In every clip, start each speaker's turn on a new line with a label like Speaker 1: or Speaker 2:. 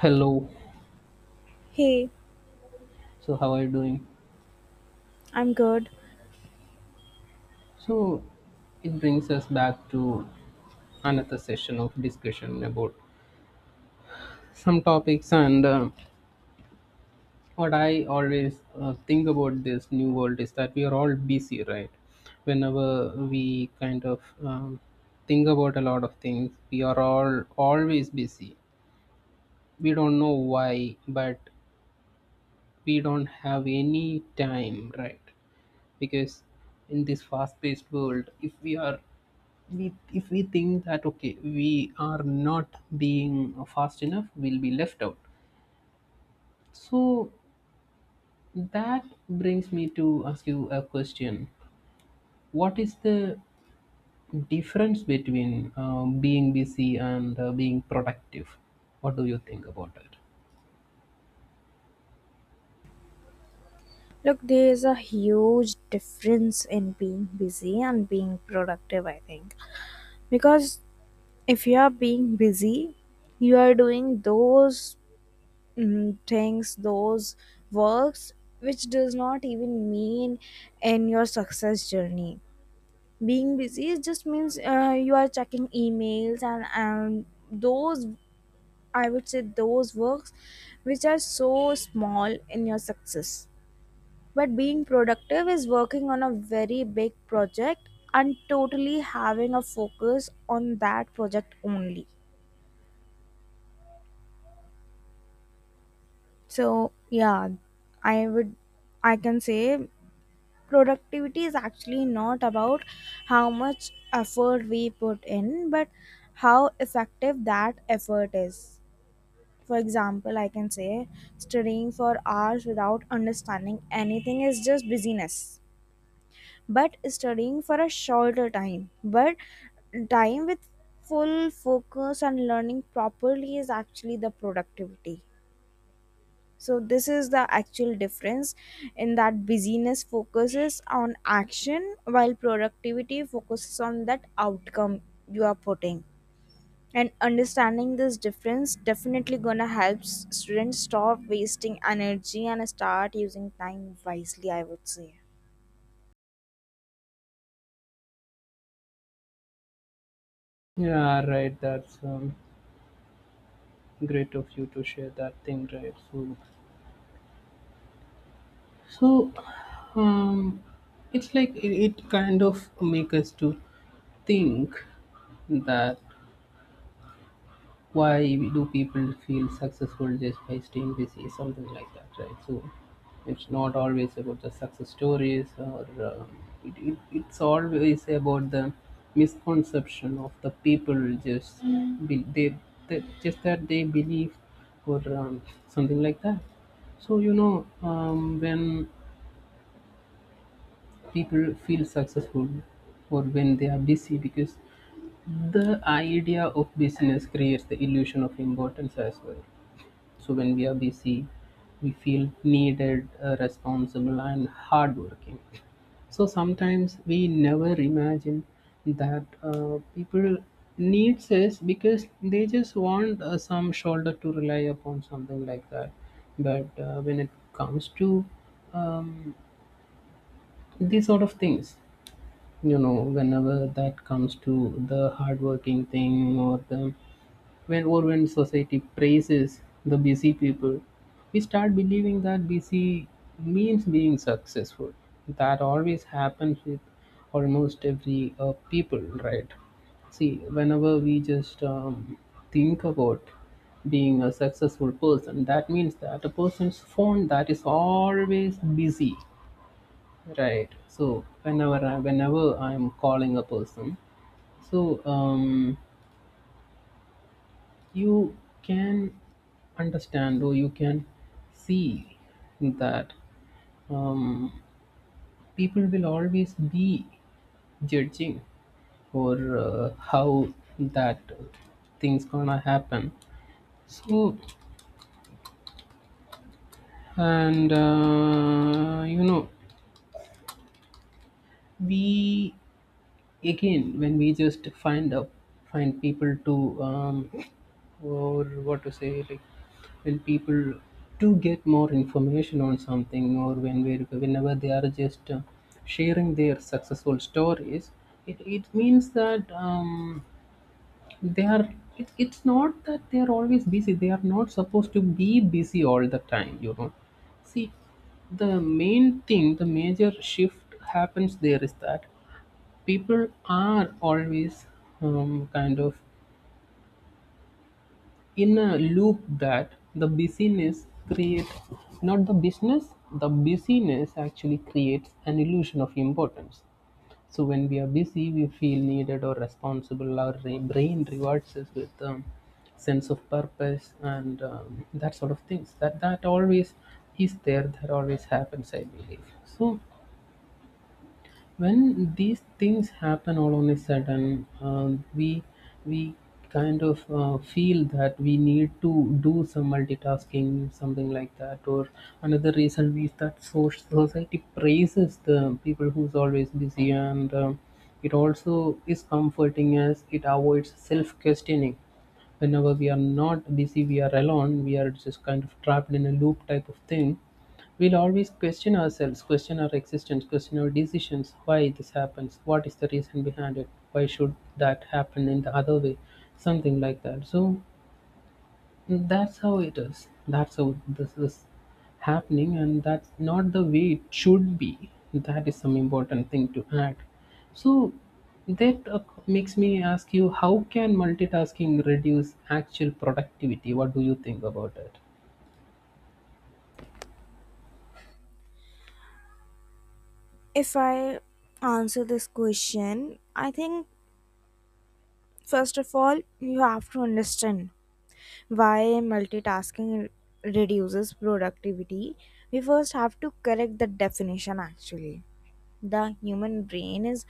Speaker 1: Hello.
Speaker 2: Hey,
Speaker 1: So how are you doing?
Speaker 2: I'm good.
Speaker 1: So it brings us back to another session of discussion about some topics and what I always think about this new world is that we are all busy, right? Whenever we kind of think about a lot of things, we are all always busy. We don't know why, but we don't have any time, right? Because in this fast-paced world, if we think that okay we are not being fast enough we'll be left out, so that brings me to ask you a question. What is the difference between being busy and being productive? What do you think about it?
Speaker 2: Look, there's a huge difference in being busy and being productive, I think. Because if you are being busy, you are doing those things, those works, which does not even mean in your success journey. Being busy it just means you are checking emails and those, I would say, those works which are so small in your success. But being productive is working on a very big project and totally having a focus on that project only. So, yeah, I would I can say productivity is actually not about how much effort we put in, but how effective that effort is. For example, I can say studying for hours without understanding anything is just busyness, but studying for a shorter time but time with full focus and learning properly is actually the productivity. So this is the actual difference, in that busyness focuses on action while productivity focuses on that outcome you are putting. And understanding this difference definitely gonna help students stop wasting energy and start using time wisely, I would say.
Speaker 1: Yeah, right, that's great of you to share that thing, right? So so um, it's like it kind of make us to think that why do people feel successful just by staying busy, something like that, right? So it's not always about the success stories or it's always about the misconception of the people just be, they just that they believe or something like that. So you know when people feel successful or when they are busy, because the idea of business creates the illusion of importance as well. So when we are busy, we feel needed, responsible, and hardworking. So sometimes we never imagine that people needs us because they just want some shoulder to rely upon, something like that. But when it comes to um, these sort of things, you know, whenever that comes to the hardworking thing or the when or when society praises the busy people, we start believing that busy means being successful. That always happens with almost every people, right? See, whenever we just think about being a successful person, that means that a person's phone that is always busy, right? So whenever whenever I'm calling a person, so you can understand or you can see that um, people will always be judging for how that things gonna happen. So and you know, we again when we just find people to or what to say like when people to get more information on something or when we whenever they are just sharing their successful stories, it means that they are, it's not that they are always busy, they are not supposed to be busy all the time, you know. See, the main thing, the major shift happens there is that people are always kind of in a loop that the busyness creates, not the business, the busyness actually creates an illusion of importance. So when we are busy we feel needed or responsible, our brain rewards us with sense of purpose and that sort of things that that always is there, that always happens, I believe. So when these things happen all on a sudden, we kind of feel that we need to do some multitasking, something like that, or another reason is that society praises the people who's always busy, and it also is comforting as it avoids self-questioning. Whenever we are not busy, we are alone, we are just kind of trapped in a loop type of thing. We'll always question ourselves, question our existence, question our decisions, why this happens, what is the reason behind it, why should that happen in the other way, something like that. So that's how it is. That's how this is happening, and that's not the way it should be. That is some important thing to add. So that makes me ask you, how can multitasking reduce actual productivity? What do you think about it?
Speaker 2: If I answer this question, I think first of all, you have to understand why multitasking reduces productivity. We first have to correct the definition actually. The human brain is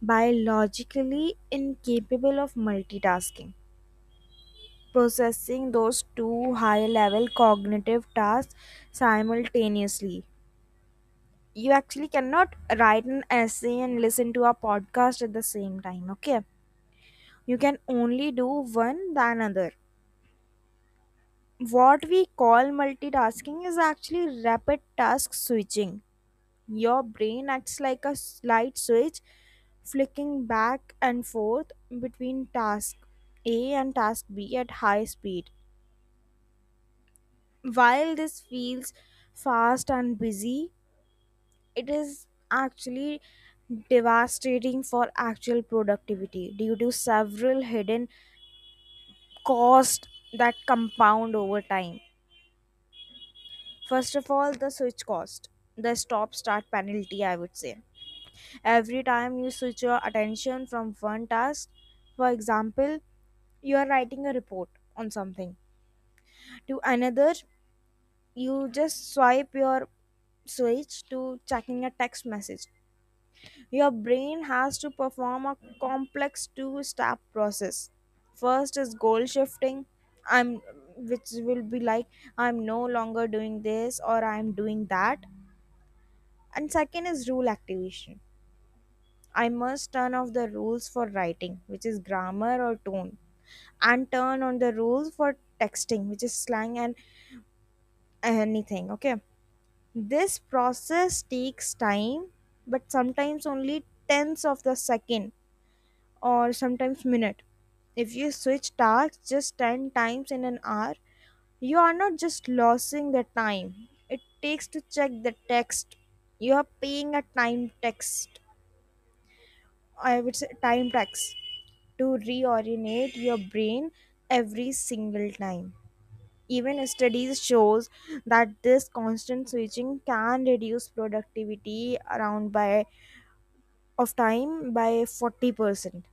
Speaker 2: biologically incapable of multitasking. Processing those two high level cognitive tasks simultaneously. You actually cannot write an essay and listen to a podcast at the same time. Okay, you can only do one than another. What we call multitasking is actually rapid task switching. Your brain acts like a light switch flicking back and forth between task A and task B at high speed. While this feels fast and busy, it is actually devastating for actual productivity due to several hidden costs that compound over time. First of all, the switch cost, the stop start penalty, I would say. Every time you switch your attention from one task, for example, you are writing a report on something, to another, you just swipe your switch to checking a text message. Your brain has to perform a complex two step process. First is goal shifting. I'm which will be like I'm no longer doing this or I'm doing that. And second is rule activation. I must turn off the rules for writing, which is grammar or tone, and turn on the rules for texting, which is slang and anything. Okay. This process takes time, but sometimes only tenths of the second or sometimes minute. If you switch tasks just 10 times in an hour, you are not just losing the time it takes to check the text. You are paying a time text, I would say time tax, to reorientate your brain every single time. Even studies shows that this constant switching can reduce productivity around by of time by 40%.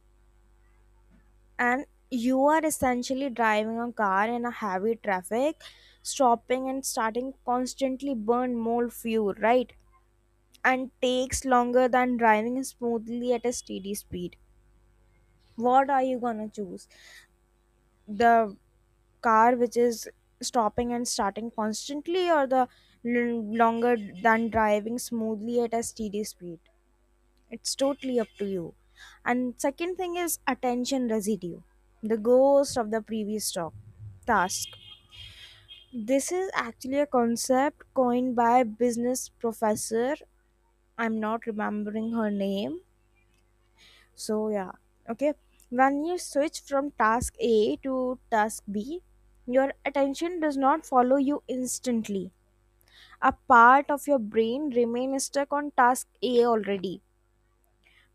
Speaker 2: And you are essentially driving a car in a heavy traffic, stopping and starting constantly burn more fuel, right? And takes longer than driving smoothly at a steady speed. What are you gonna choose? The car which is stopping and starting constantly, or the longer than driving smoothly at a steady speed? It's totally up to you. And second thing is attention residue, the ghost of the previous talk task. This is actually a concept coined by a business professor. I'm not remembering her name. So yeah, okay. When you switch from task A to task B, your attention does not follow you instantly. A part of your brain remains stuck on task A already.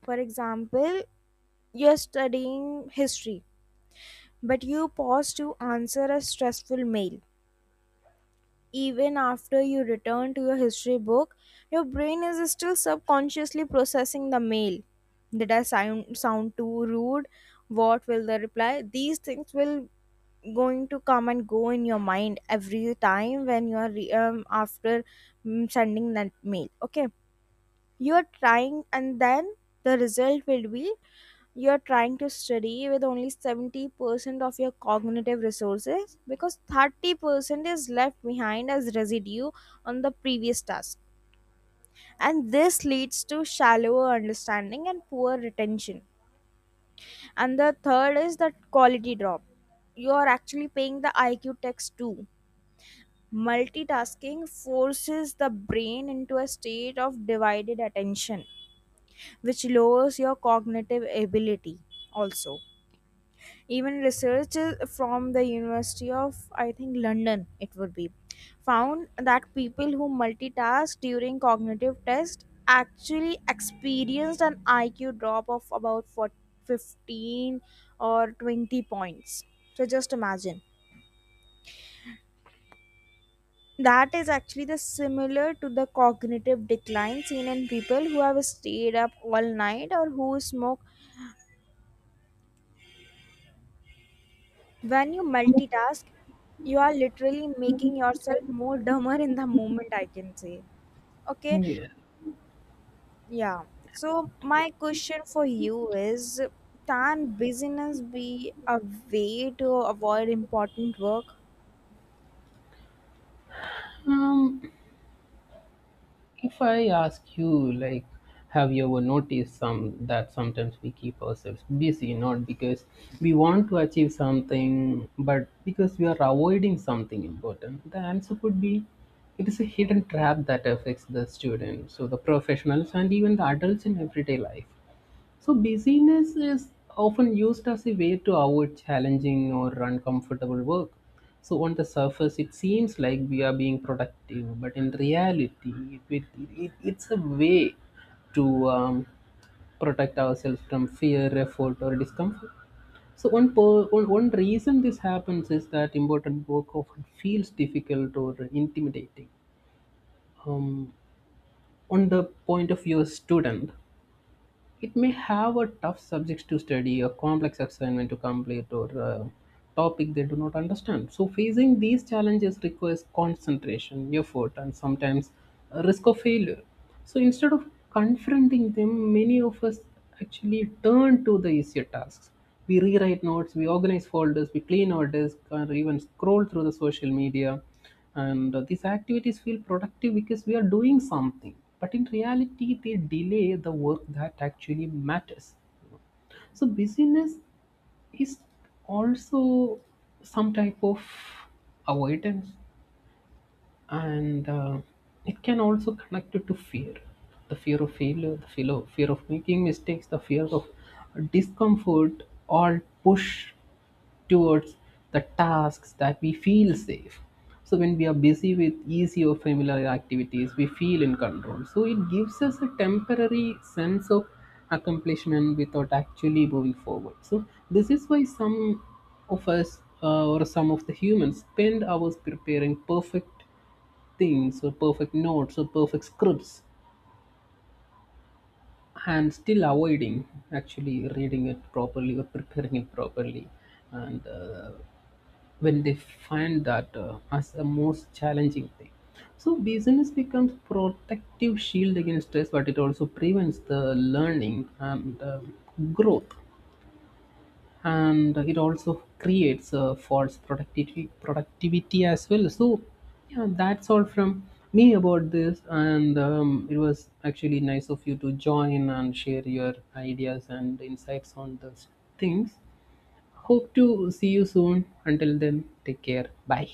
Speaker 2: For example, you're studying history, but you pause to answer a stressful mail. Even after you return to your history book, your brain is still subconsciously processing the mail. Did I sound too rude? What will the reply? These things will going to come and go in your mind every time when you are after sending that mail. Okay, you are trying, and then the result will be you're trying to study with only 70% of your cognitive resources because 30% is left behind as residue on the previous task. And this leads to shallower understanding and poor retention. And the third is the quality drop. You are actually paying the IQ tax too. Multitasking forces the brain into a state of divided attention, which lowers your cognitive ability also. Even research from the University of I think London it would be, found that people who multitask during cognitive test actually experienced an IQ drop of about 4, 15, or 20 points. So just imagine, that is actually the similar to the cognitive decline seen in people who have stayed up all night or who smoke. When you multitask, you are literally making yourself more dumber in the moment, I can say. Okay,
Speaker 1: Yeah.
Speaker 2: yeah. So,
Speaker 1: Right.
Speaker 2: my question for you is, can business be a way to avoid important work?
Speaker 1: Um, If I ask you, like, have you ever noticed some that sometimes we keep ourselves busy, not because we want to achieve something, but because we are avoiding something important? The answer could be it is a hidden trap that affects the students, so the professionals, and even the adults in everyday life. So, busyness is often used as a way to avoid challenging or uncomfortable work. So, on the surface, it seems like we are being productive, but in reality, it's a way to protect ourselves from fear, effort, or discomfort. So, one reason this happens is that important work often feels difficult or intimidating. Um, on the point of view of student, it may have a tough subjects to study, a complex assignment to complete, or a topic they do not understand. So, facing these challenges requires concentration, effort, and sometimes a risk of failure. So, instead of confronting them, many of us actually turn to the easier tasks. We rewrite notes, we organize folders, we clean our desk, or even scroll through the social media, and these activities feel productive because we are doing something, but in reality they delay the work that actually matters. So busyness is also some type of avoidance, and it can also connect it to fear, the fear of failure, the fear of making mistakes, the fear of discomfort all push towards the tasks that we feel safe. So when we are busy with easy or familiar activities we feel in control, so it gives us a temporary sense of accomplishment without actually moving forward. So this is why some of us or some of the humans spend hours preparing perfect things or perfect notes or perfect scripts and still avoiding actually reading it properly or preparing it properly, and when they find that as a most challenging thing. So business becomes protective shield against stress, but it also prevents the learning and growth, and it also creates a false productivity as well. So yeah, that's all from me about this, and it was actually nice of you to join and share your ideas and insights on those things. Hope to see you soon, until then, take care, bye.